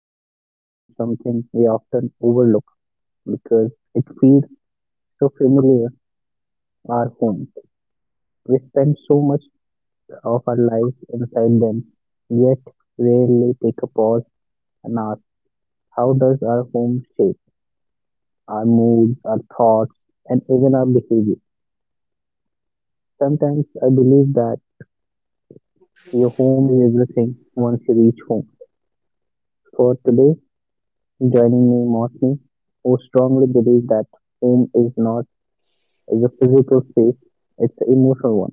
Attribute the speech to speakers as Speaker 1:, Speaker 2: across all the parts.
Speaker 1: we are talking about something we often overlook because it feels so familiar, our home. We spend so much of our lives inside them, yet rarely take a pause and ask, how does our home shape our moods, our thoughts, and even our behavior? Sometimes I believe that your home is everything once you reach home. For today, joining me, Mosmi, who strongly believes that home is not is a physical space, it's an emotional one.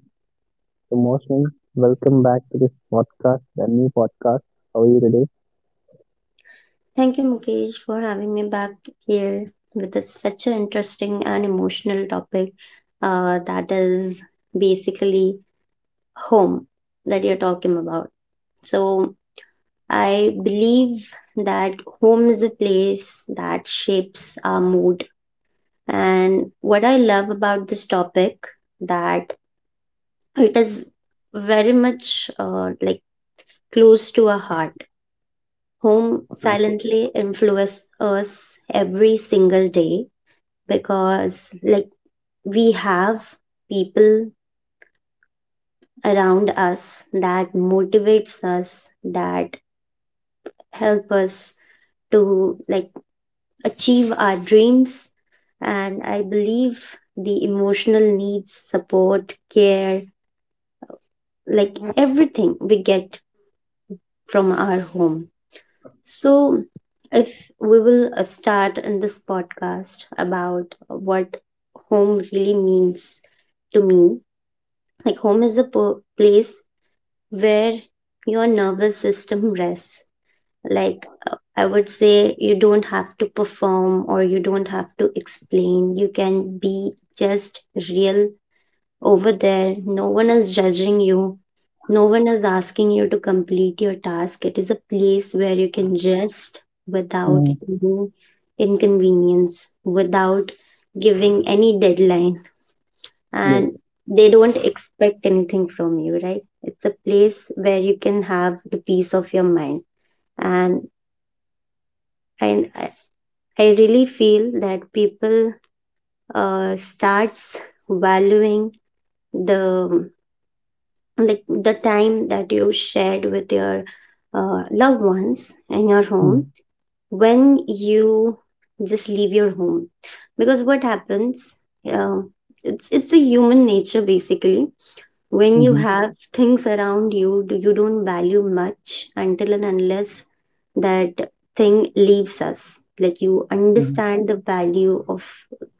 Speaker 1: So, Mosmi, welcome back to this podcast, the new podcast. How are you today?
Speaker 2: Thank you, Mukesh, for having me back here with such an interesting and emotional topic, that is basically home that you're talking about. So, I believe that home is a place that shapes our mood. And what I love about this topic that it is very much, like, close to our heart. Home silently influences us every single day, because, like, we have people around us that motivates us, that help us to, like, achieve our dreams. And I believe the emotional needs, support, care, like everything, we get from our home. So if we will start in this podcast about what home really means to me, like, home is a place where your nervous system rests. Like, I would say, you don't have to perform or you don't have to explain. You can be just real over there. No one is judging you, no one is asking you to complete your task. It is a place where you can rest without
Speaker 1: Mm,
Speaker 2: any inconvenience, without giving any deadline,
Speaker 1: yes.
Speaker 2: and they don't expect anything from you, right? It's a place where you can have the peace of your mind. And i i I really feel that people starts valuing the the time that you shared with your loved ones in your home,
Speaker 1: Mm,
Speaker 2: when you just leave your home. Because what happens, uh, it's a human nature, basically. When you
Speaker 1: mm-hmm,
Speaker 2: have things around you, you don't value much until and unless that thing leaves us, like, you
Speaker 1: mm-hmm,
Speaker 2: understand the value of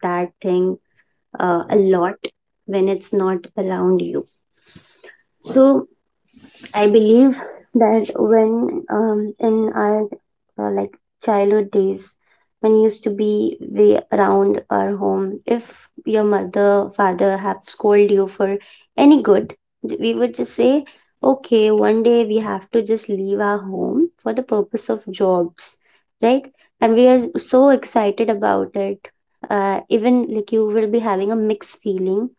Speaker 2: that thing a lot when it's not around you. So I believe that when in our, like, childhood days, when we used to be way around our home, if your mother, father have scolded you for any good, we would just say, okay, one day we have to just leave our home for the purpose of jobs, right? And we are so excited about it. Even, like, you will be having a mixed feeling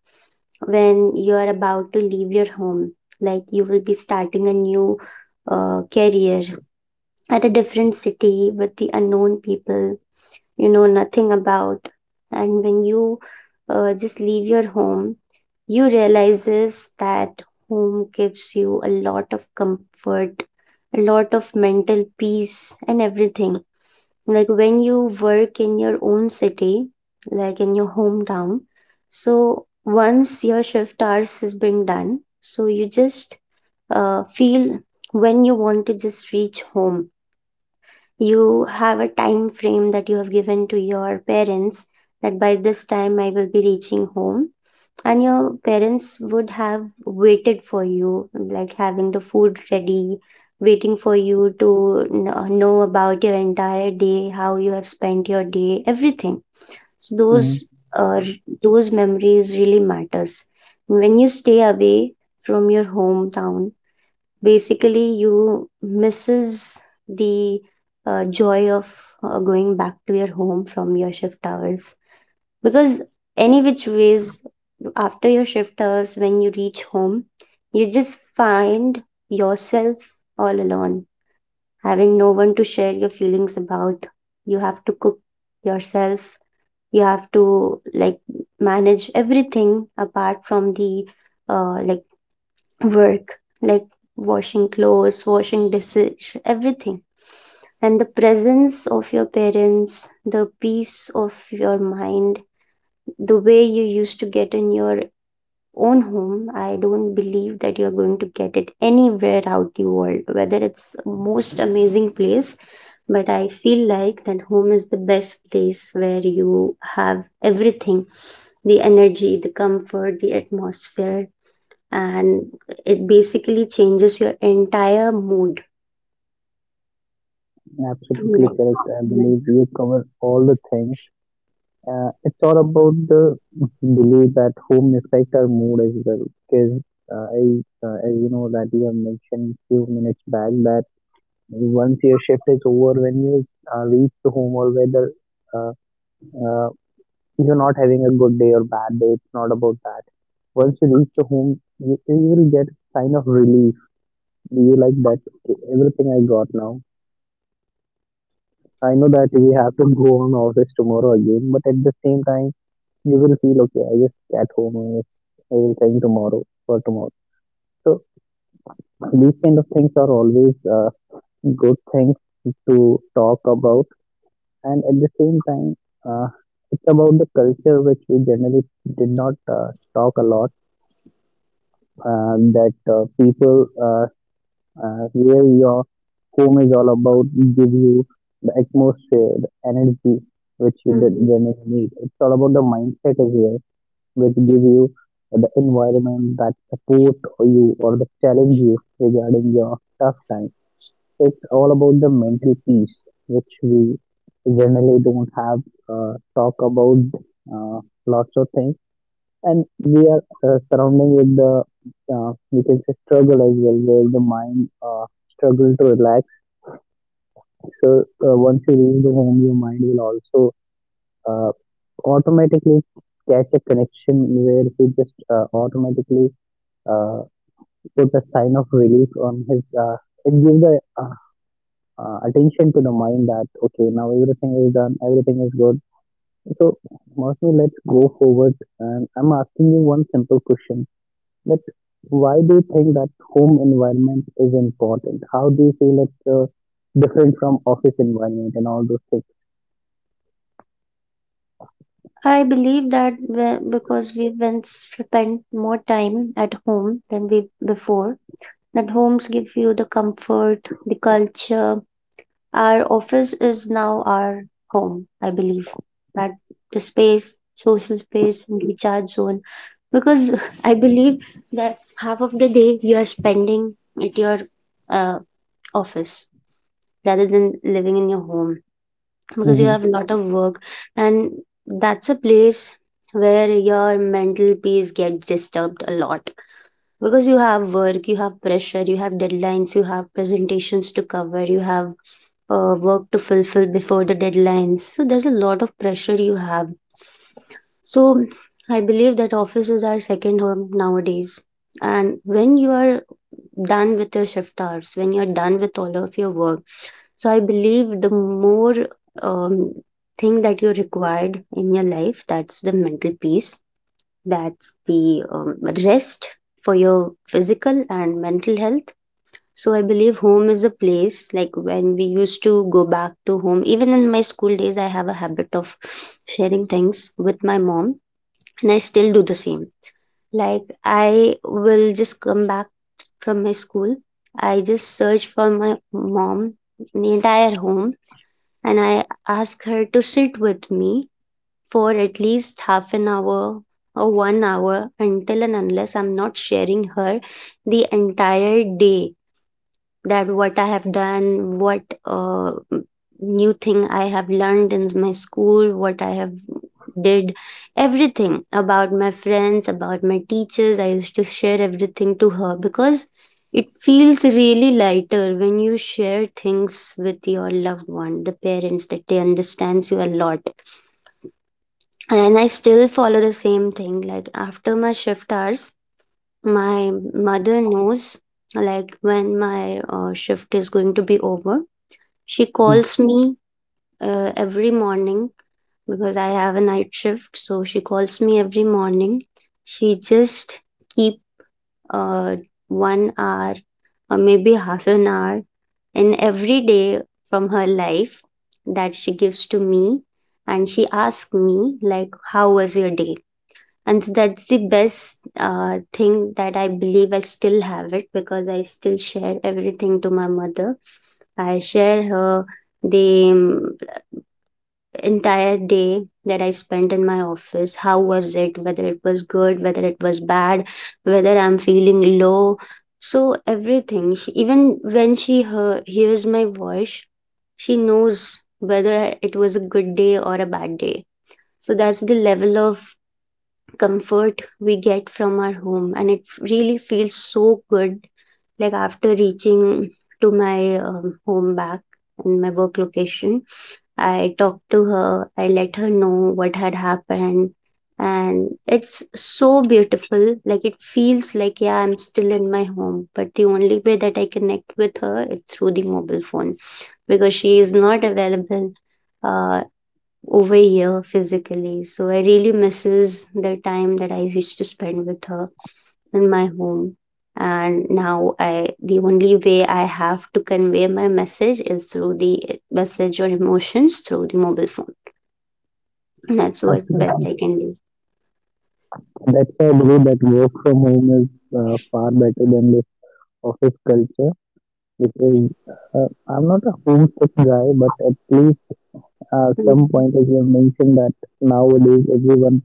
Speaker 2: when you are about to leave your home, like you will be starting a new career at a different city with the unknown people you know nothing about. And when you just leave your home, you realizes that home gives you a lot of comfort, a lot of mental peace and everything. Like when you work in your own city, like in your hometown, so once your shift hours has been done, so you just feel when you want to just reach home. You have a time frame that you have given to your parents, that by this time I will be reaching home, and your parents would have waited for you, like having the food ready, waiting for you to know about your entire day, how you have spent your day, everything. So
Speaker 1: mm-hmm.
Speaker 2: those those memories really matters when you stay away from your hometown. Basically you misses the joy of going back to your home from your shift hours. Because any which ways, after your shift hours, when you reach home, you just find yourself all alone, having no one to share your feelings about. You have to cook yourself, you have to, like, manage everything apart from the like work, like washing clothes, washing dishes, everything. And the presence of your parents, the peace of your mind, the way you used to get in your own home, I don't believe that you're going to get it anywhere out the world, whether it's most amazing place. But I feel like that home is the best place where you have everything, the energy, the comfort, the atmosphere. And it basically changes your entire mood.
Speaker 1: Absolutely
Speaker 2: Like,
Speaker 1: correct. I believe you cover all the things. It's all about the belief that home affects our mood as well. Because uh, I, as you know, that you have mentioned few minutes back that. Once your shift is over, when you reach the home, or whether uh, uh, you're not having a good day or bad day, it's not about that. Once you reach the home, you will get kind of relief. You like that, "Okay, everything I got now. I know that we have to go on office tomorrow again, but at the same time, you will feel okay. I just at home and I will think tomorrow for tomorrow." So these kind of things are always good things to talk about, and at the same time uh, it's about the culture which we generally did not talk a lot, that people, uh, where your home is all about, give you the atmosphere, the energy which you did
Speaker 2: Mhm.
Speaker 1: generally need. It's all about the mindset as well, which give you the environment that support you or the challenge you regarding your tough time. It's all about the mental peace, which we generally don't have talk about uh, lots of things. And we are surrounding with the we can say struggle as well, where the mind struggle to relax. So once you leave the home, your mind will also uh, automatically catch a connection, where he just automatically uh, put a sign of relief on his. It gives a attention to the mind that okay, now everything is done, everything is good. So, mostly, let's go forward, and I'm asking you one simple question, that why do you think that home environment is important? How do you feel it's different from office environment and all those things?
Speaker 2: I believe that because we once spent more time at home than we before, that homes give you the comfort, the culture. Our office is now our home, I believe. That the space, social space, and recharge zone. Because I believe that half of the day you are spending at your uh, office rather than living in your home, because you
Speaker 1: Hmm.
Speaker 2: have a lot of work. And that's a place where your mental peace gets disturbed a lot, because you have work, you have pressure, you have deadlines, you have presentations to cover, you have work to fulfill before the deadlines, so there's a lot of pressure you have. So I believe that office is our second home nowadays. And when you are done with your shift hours, when you're done with all of your work, so I believe the more um, thing that you required in your life, that's the mental peace, that's the rest for your physical and mental health. So I believe home is a place, like when we used to go back to home, even in my school days I have a habit of sharing things with my mom. And I still do the same. Like I will just come back from my school, I just search for my mom in the entire home, and I ask her to sit with me for at least half an hour or one hour, until and unless I'm not sharing her the entire day, that what I have done, what new thing I have learned in my school, what I have did, everything about my friends, about my teachers. I used to share everything to her, because it feels really lighter when you share things with your loved one, the parents, that they understands you a lot. And I still follow the same thing, like after my shift hours, my mother knows, like when my shift is going to be over, she
Speaker 1: Hmm.
Speaker 2: calls me every morning. Because I have a night shift, so she calls me every morning. She just keep uh, one hour or maybe half an hour in every day from her life, that she gives to me. And she asks me, like, how was your day. And so that's the best thing that I believe I still have it, because I still share everything to my mother. I share her the entire day that I spent in my office, how was it, whether it was good, whether it was bad, whether I'm feeling low. So everything even when she hears my voice, she knows whether it was a good day or a bad day. So that's the level of comfort we get from our home, and it really feels so good. Like after reaching to my home back and my work location, I talked to her, I let her know what had happened. And it's so beautiful, like it feels like, yeah, I'm still in my home, but the only way that I connect with her is through the mobile phone, because she is not available uh, over here physically. So I really misses the time that I used to spend with her in my home. And now I the only way I have to convey my message is through the message or emotions through the mobile phone. That's what best
Speaker 1: Absolutely.
Speaker 2: I can do.
Speaker 1: That's why I believe that work from home is far better than this office culture, which is, I'm not a homesick guy, but at least some point,
Speaker 2: Mhm.
Speaker 1: as you have mentioned, that nowadays everyone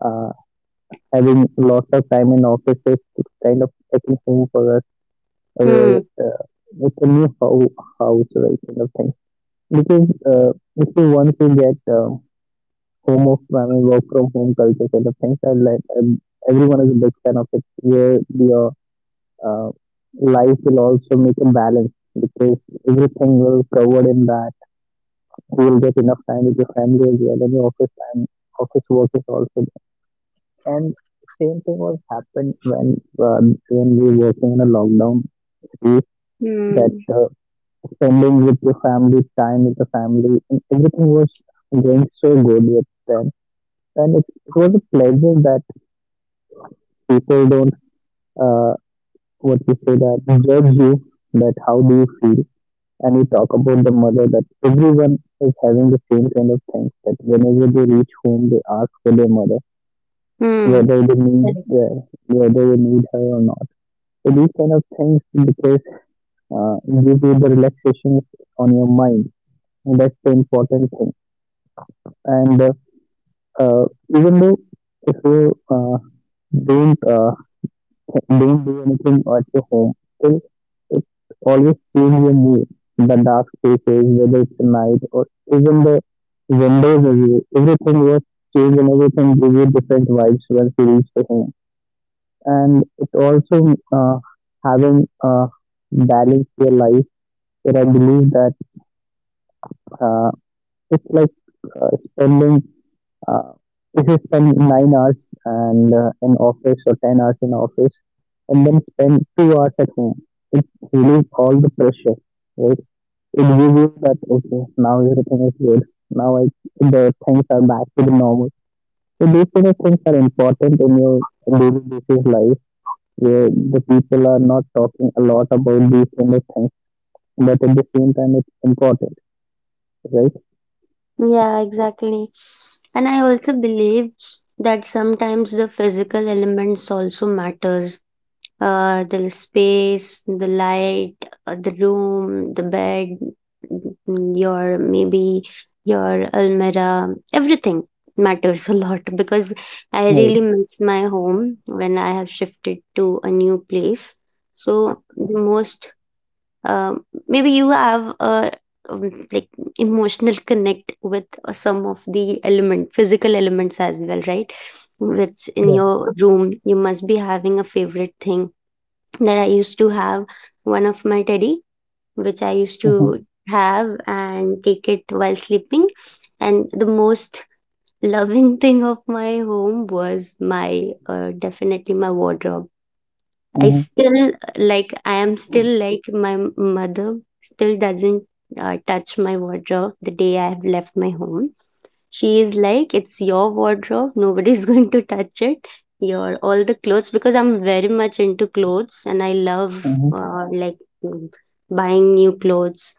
Speaker 1: uh, having lots of time in offices, it's kind of taking home for us, where
Speaker 2: Hmm.
Speaker 1: uh, it's a new house, right, kind of thing. Because if you want to get home of, I mean, work from home culture kind of things, I like, everyone is a big fan of it, where your uh, life will also make a balance, because everything will covered in that. You will get enough time with your family as well, and your office time, office work is also. And same thing was happened when, when we were working in a lockdown too, that
Speaker 2: Hmm.
Speaker 1: spending with your family, time with the family, and everything was going so good with them. And it was a pleasure that people don't uh, what you say, that judge you, that how do you feel. And you talk about the mother, that everyone is having the same kind of things, that whenever they reach home they ask for their mother,
Speaker 2: Hmm.
Speaker 1: whether they need
Speaker 2: Correct.
Speaker 1: uh, whether they need her or not. So these kind of things, because give you the relaxations on your mind, and that's the important thing. And uh, even though if you don't uh, don't do anything at your home, still it always change your mood. The dark spaces, whether it's night or even the windows, review, everything was changed, and everything give you different vibes once you reach the home. And it also having a balance to your life, where I believe that, Uh, it's like spending, uh, if you spend 9 hours and in office, or 10 hours in office, and then spend 2 hours at home, it relieves all the pressure, right? It gives you that okay, now everything is good. Now the things are back to the normal. So these kind of things are important in your daily basis life, where the people are not talking a lot about these kind of things, but at the same time it's important, right?
Speaker 2: Yeah, exactly. And I also believe that sometimes the physical elements also matters, the space, the light, the room, the bed, your maybe your almirah, everything matters a lot, because I really
Speaker 1: Right.
Speaker 2: miss my home when I have shifted to a new place. So the most, maybe you have a, like, emotional connect with some of the element physical elements as well, right? Which in
Speaker 1: Right.
Speaker 2: your room you must be having a favorite thing that I used to have, one of my teddy, which I used to have and take it while sleeping. And the most loving thing of my home was my, definitely, my wardrobe. I
Speaker 1: Hmm.
Speaker 2: still like I am still like my mother still doesn't touch my wardrobe the day I have left my home. She is like, it's your wardrobe. Nobody's going to touch it. Your all the clothes, because I'm very much into clothes, and I love,
Speaker 1: Hmm.
Speaker 2: like, mm, buying new clothes,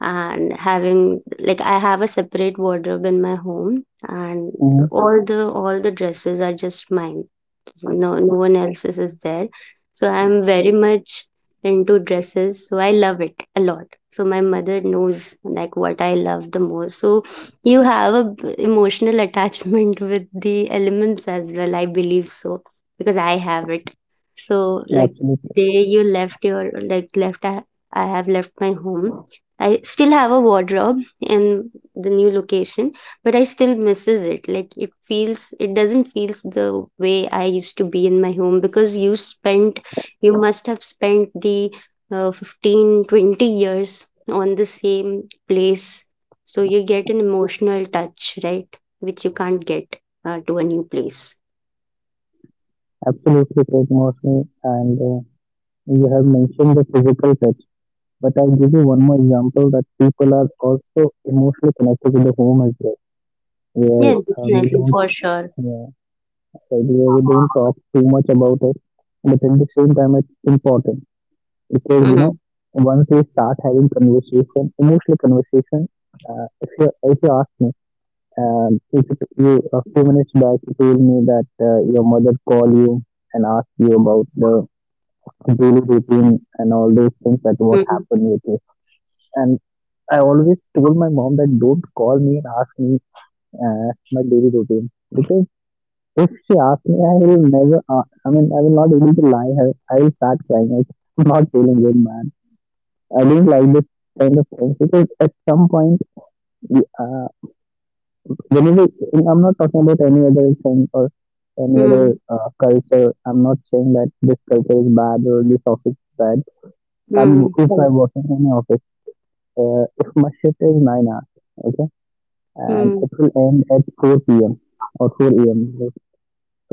Speaker 2: and having, like, I have a separate wardrobe in my home. And
Speaker 1: Hmm.
Speaker 2: all the dresses are just mine, no one else's is there. So I'm very much into dresses, so I love it a lot. So my mother knows like what I love the most. So you have a emotional attachment with the elements as well, I believe. So because I have it. So, like, the
Speaker 1: Absolutely,
Speaker 2: day you left your like left I have left my home. I still have a wardrobe in the new location, but I still misses it. Like it feels, it doesn't feel the way I used to be in my home, because you spent, you must have spent the 15, 20 years on the same place. So you get an emotional touch, right? Which you can't get to a new place.
Speaker 1: absolutely correct, mostly. And you have mentioned the physical touch, but I'll give you one more example, that people are also emotionally connected to the home as well,
Speaker 2: Yeah,
Speaker 1: where we
Speaker 2: definitely, for
Speaker 1: don't,
Speaker 2: sure.
Speaker 1: uh, like, where we don't talk too much about it, but at the same time it's important, because you
Speaker 2: Mm,
Speaker 1: know, once we start having conversation, emotional conversation. If you if you ask me, if you a few minutes back you told me that your mother called you and asked you about the daily routine and all those things, that what
Speaker 2: mm,
Speaker 1: happened with me. And I always told my mom that don't call me and ask me my daily routine, because if she asks me, I will never. I mean, I will not able to lie her. I will start crying. Like, I'm not feeling good, man. I don't like this kind of things, because at some point, the, uh, whenever I'm not talking about any other thing or any
Speaker 2: mm,
Speaker 1: other culture. I'm not saying that this culture is bad or this office is bad.
Speaker 2: mm,
Speaker 1: I'm if
Speaker 2: mm,
Speaker 1: I work in any office. If my shift is 9 hours, okay, and
Speaker 2: mm,
Speaker 1: it will end at four p.m. or four a.m. Like,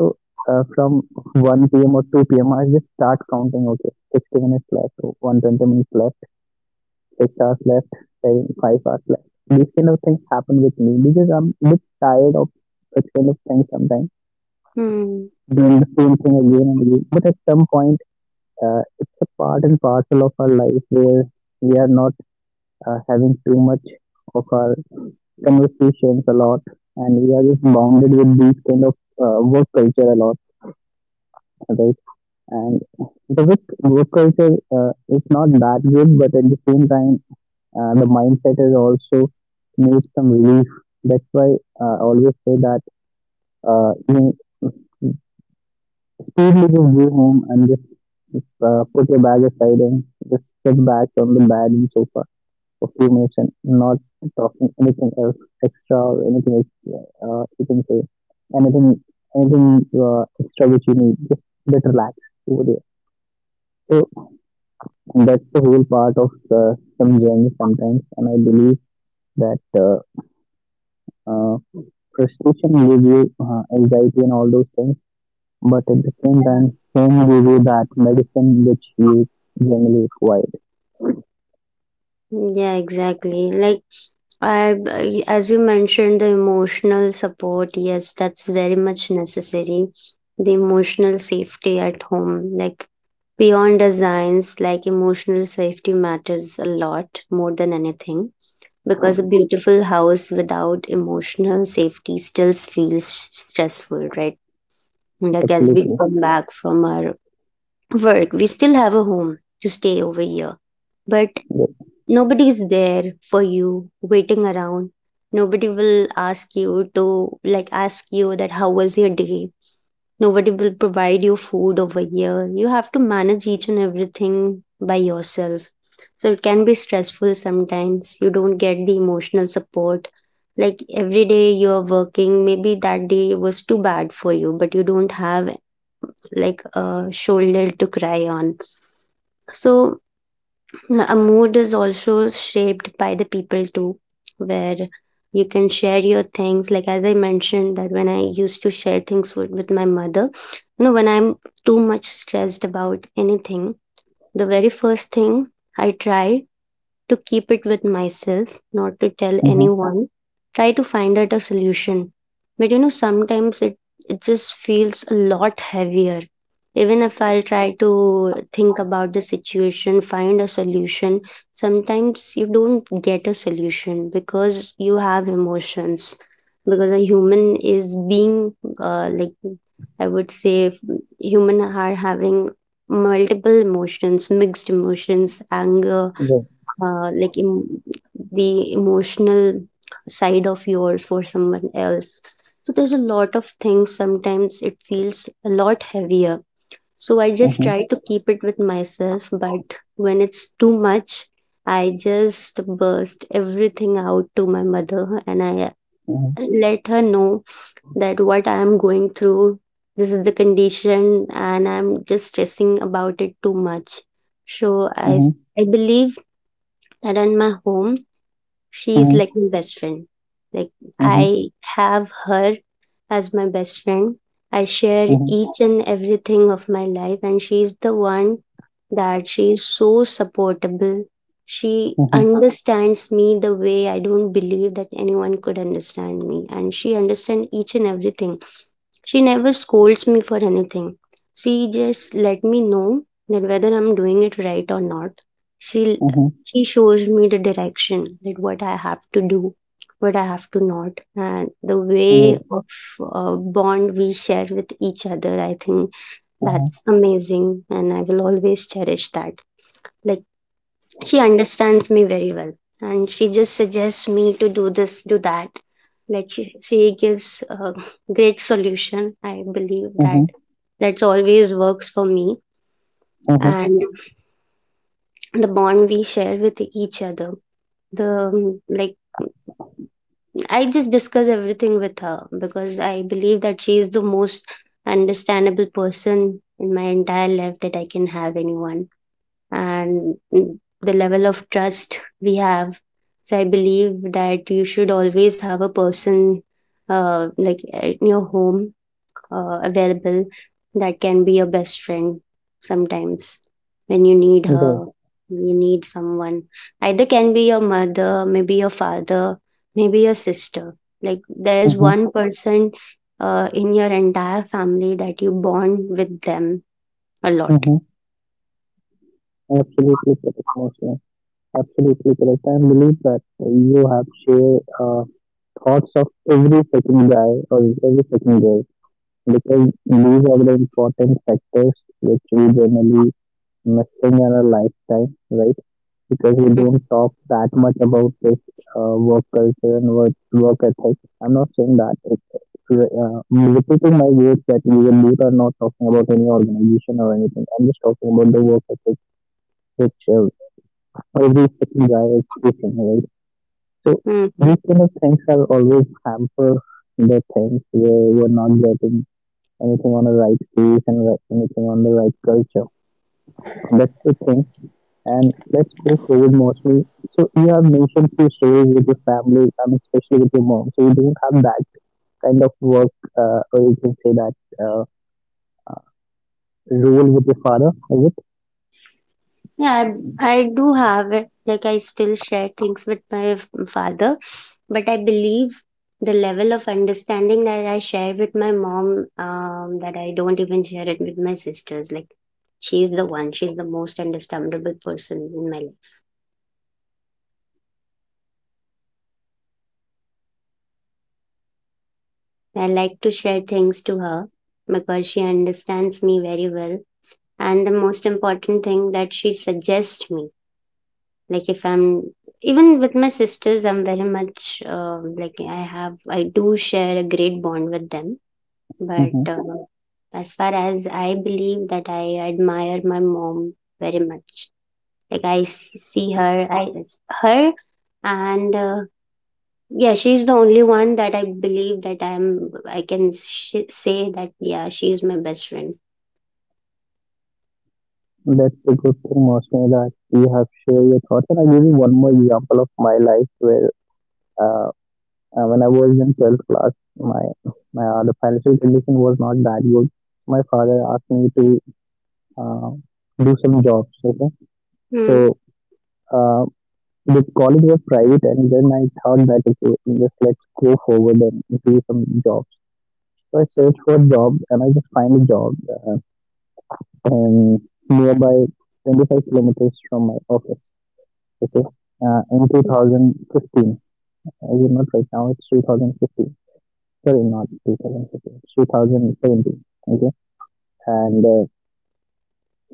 Speaker 1: so, from one p.m. or two p M, I just start counting. Okay, 60 minutes left, 120 minutes left, 6 hours left, seven, 5 hours left. These kind of things happen with me, because I'm a bit tired of such kind of things sometimes,
Speaker 2: mm.
Speaker 1: doing the same thing again and again. But at some point, it's a part and parcel of our life, where we are not having too much of our conversations a lot, and we are just bounded with these kind of work culture a lot, right? And the work culture uh, is not that good, but at the same time the mindset is also needs some relief. That's why I always say that, you speedily just go home and just put your bag aside, and just sit back on the bed and sofa for few minutes, and not talking anything else extra or anything else, you can say, anything anything extra which you need, just a bit relax over there. So that's the whole part of some journey sometimes, and I believe that uh, frustration will give you anxiety and all those things, but at the same time, home will give you that medicine which you generally required.
Speaker 2: Yeah, exactly. Like as you mentioned, the emotional support, yes, that's very much necessary. The emotional safety at home, like beyond designs, like emotional safety matters a lot more than anything because a beautiful house without emotional safety still feels stressful, right? Like as we
Speaker 1: Absolutely.
Speaker 2: come back from our work, we still have a home to stay over here. But
Speaker 1: Yes.
Speaker 2: nobody's there for you, waiting around. Nobody will ask you to, like, ask you that how was your day. Nobody will provide you food over here. You have to manage each and everything by yourself. So it can be stressful sometimes. You don't get the emotional support. Like every day you're working, maybe that day was too bad for you, but you don't have like a shoulder to cry on so a mood is also shaped by the people too where you can share your things like as I mentioned that when I used to share things with my mother you know when I'm too much stressed about anything the very first thing I try to keep it with myself, not to tell
Speaker 1: Uh-huh.
Speaker 2: anyone. Try to find out a solution. But you know, sometimes it just feels a lot heavier. Even if I'll try to think about the situation, find a solution, sometimes you don't get a solution because you have emotions. Because a human is being, like, I would say, human are having multiple emotions, mixed emotions, anger,
Speaker 1: Yes.
Speaker 2: uh, like em- the emotional side of yours for someone else so there's a lot of things sometimes it feels a lot heavier so I just
Speaker 1: Uh-huh.
Speaker 2: try to keep it with myself but when it's too much I just burst everything out to my mother and I
Speaker 1: Uh-huh.
Speaker 2: let her know that what I am going through this is the condition and I'm just stressing about it too much so i
Speaker 1: Uh-huh.
Speaker 2: I believe that in my home she's like my best friend. Like
Speaker 1: Uh-huh.
Speaker 2: I have her as my best friend. I share
Speaker 1: Uh-huh.
Speaker 2: each and everything of my life and she's the one that she is so supportable. She
Speaker 1: Mhm,
Speaker 2: understands me the way I don't believe that anyone could understand me and she understands each and everything she never scolds me for anything. She just let me know that whether I'm doing it right or not. She
Speaker 1: mhm,
Speaker 2: she shows me the direction that what I have to do, what I have to not, and the way
Speaker 1: good,
Speaker 2: of bond we share with each other. I think
Speaker 1: mhm,
Speaker 2: that's amazing, and I will always cherish that. Like she understands me very well and she just suggests me to do this do that like she gives a great solution I believe that
Speaker 1: mhm,
Speaker 2: that's always works for me
Speaker 1: mhm,
Speaker 2: and the bond we share with each other the like I just discuss everything with her because I believe that she is the most understandable person in my entire life that I can have anyone and the level of trust we have. So I believe that you should always have a person like in your home available that can be your best friend sometimes when you need her.
Speaker 1: good,
Speaker 2: You need someone. Either can be your mother, maybe your father, maybe your sister. Like there's
Speaker 1: mhm,
Speaker 2: one person in your entire family that you bond with them a lot.
Speaker 1: mhm. Absolutely correct, Mohsin. Absolutely correct. I believe that you have shared thoughts of every second guy or every second girl, because these are the important factors which we generally missing in our lifetime, right? Because we don't talk that much about this work culture and work ethic. I'm not saying that. Repeating my words that we will do are not talking about any organization or anything. I'm just talking about the work ethic, which every second guy is facing, right? So these kind of things are always hamper the things, where you're not getting anything on the right place and anything on the right culture. That's the thing. And let's go forward, mostly. So you have mentioned few stories with your family, and especially with your mom. So you don't have that kind of work, or you can say that uh, role with your father, is it?
Speaker 2: Yeah, I do have it. Like I still share things with my father, but I believe the level of understanding that I share with my mom, that I don't even share it with my sisters. Like she's the one, she's the most understandable person in my life. I like to share things to her because she understands me very well. And the most important thing that she suggests me like if I'm even with my sisters I'm very much like I do share a great bond with them
Speaker 1: Hmm.
Speaker 2: but as far as I believe that I admire my mom very much like I her and yeah she's the only one that I believe that I can say that yeah she's my best friend.
Speaker 1: That's a good thing, mostly, that you have shared your thoughts. And I give you one more example of my life where, uh, when I was in 12th class, my my the financial condition was not that good. My father asked me to uh, do some jobs. Okay,
Speaker 2: Mm.
Speaker 1: so. Uh, The college was private, and then I thought that okay, just let's go forward and do some jobs. So I searched for a job, and I just find a job and nearby 25 kilometers from my office. Okay, in 2015. I did not right now. It's 2015. Sorry, not 2015. 2017. Okay, and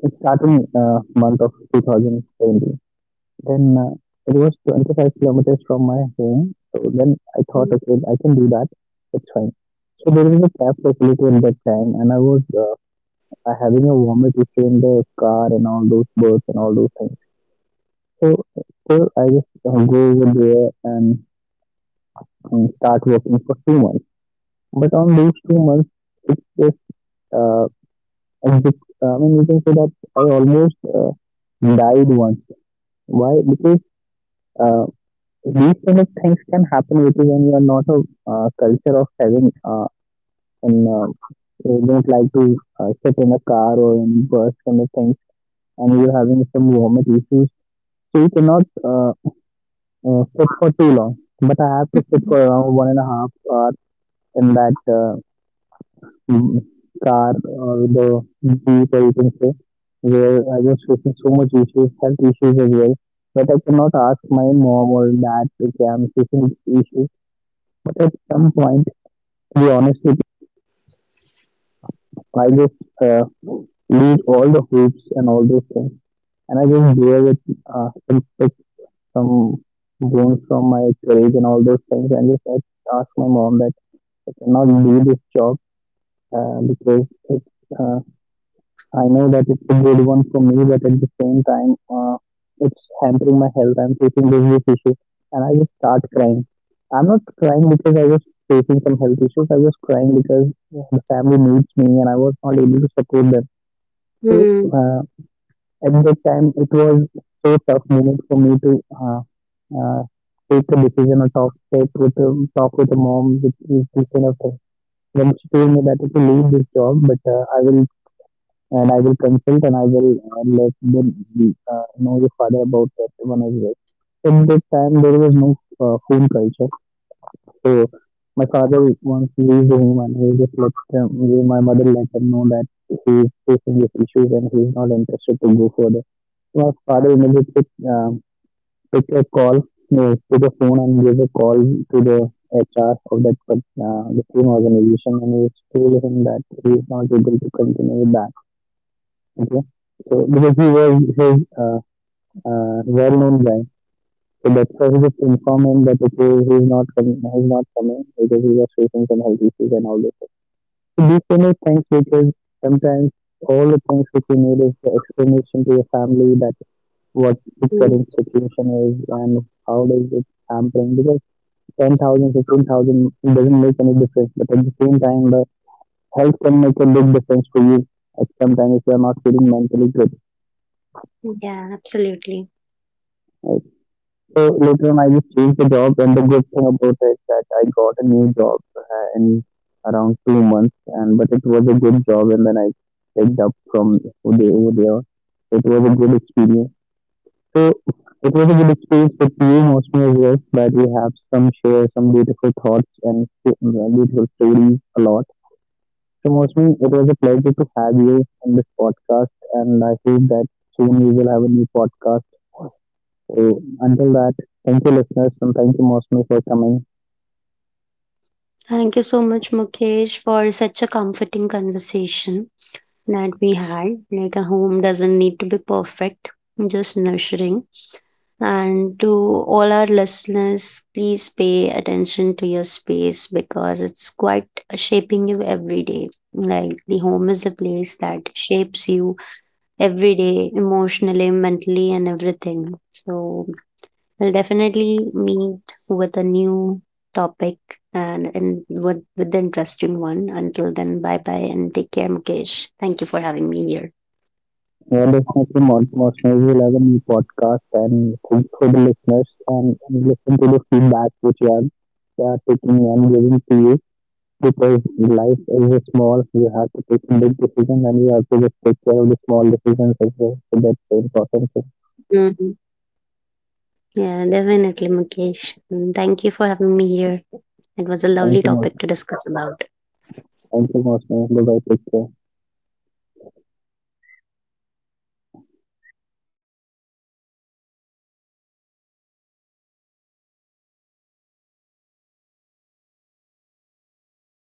Speaker 1: it started in month of 2017. Then it was 25 kilometers from my home. So then I thought,
Speaker 2: Mm.
Speaker 1: okay, I can do that. It's fine. So there was a cab facility in that time, and I was I having a vomit issue in the car and all those birds and all those things. So still, I just go over there and start working for 2 months. But on those 2 months, it's just uh, a bit, I mean, you can say that I almost died once. Why? Because uh, these kind of things can happen with you when you are not a culture of having and you don't like to sit in a car or in bus kind of things and you're having some vomit issues, so you cannot sit for too long. But I have to sit for around one and a half hour in that mm, car or the jeep, or you can say, where I was facing so much issues, health issues as well. But I cannot ask my mom or dad, okay, I'm facing these issues. But at some point, to be honest, I just uh, leave all the hoops and all those things, and I just do it with some pick some bones from my courage and all those things, and just I ask my mom that I cannot do this job because it's uh, I know that it's a good one for me, but at the same time, it's hampering my health. I'm facing this issue, and I just start crying. I'm not crying because I was facing some health issues. I was crying because the family needs me, and I was not able to support them. so
Speaker 2: Mm.
Speaker 1: uh, at that time, it was so tough moment for me to uh, take a decision or talk with a mom which is this kind of thing. Then she told me that okay, leave this job, but I will, and I will consult, and I will let them be, know your father about that one as well. At that time, there was no phone culture, so my father once leaves the home and he just let them, my mother let them know that he is facing these issues and he is not interested to go further. My father immediately uh, took a call to the phone and gave a call to the HR of the same organization, and he told him that he is not able to continue with that. Okay, so because he was his well-known guy, so that's why he just informed him that okay, he's not coming because he was facing some health issues and all this. So these kind of things, because sometimes all the things which you need is the explanation to your family that what the
Speaker 2: Mm.
Speaker 1: current situation is and how does it hampering, because 10,000, 15,000 it doesn't make any difference, but at the same time, the health can make a big difference for you at some time if you are not feeling mentally good.
Speaker 2: Yeah, absolutely.
Speaker 1: Right? So later on, I just changed the job, and the good thing about it is that I got a new job in around 2 months, and but it was a good job, and then I picked up from over there. It was a good experience. So it was a good experience but you, emotional as well, but we have some share some beautiful thoughts and beautiful stories a lot. So Mosmi, it was a pleasure to have you in this podcast and I hope that soon we will have a new podcast. So until that, thank you listeners and thank you Mosmi for coming.
Speaker 2: Thank you so much, Mukesh, for such a comforting conversation that we had. Like, a home doesn't need to be perfect, just nurturing. And to all our listeners, please pay attention to your space because it's quite shaping you every day. Like, the home is a place that shapes you every day, emotionally, mentally, and everything. So, we'll definitely meet with a new topic and with, the interesting one. Until then, bye bye and take care, Mukesh. Thank you for having me here.
Speaker 1: Yeah, definitely Mosmi will have a new podcast and thank you for the listeners, and listen to the feedback which you are, they are taking and giving to you, because in life is a small, you have to take a big decision and you have to just take care of the small decisions as well. So that's the important thing.
Speaker 2: Hmm. Yeah, definitely, Mukesh. And thank you for having me here. It was a lovely topic to
Speaker 1: Thank you,
Speaker 2: discuss
Speaker 1: most.
Speaker 2: about.
Speaker 1: Thank you, most. Bye bye. Take care.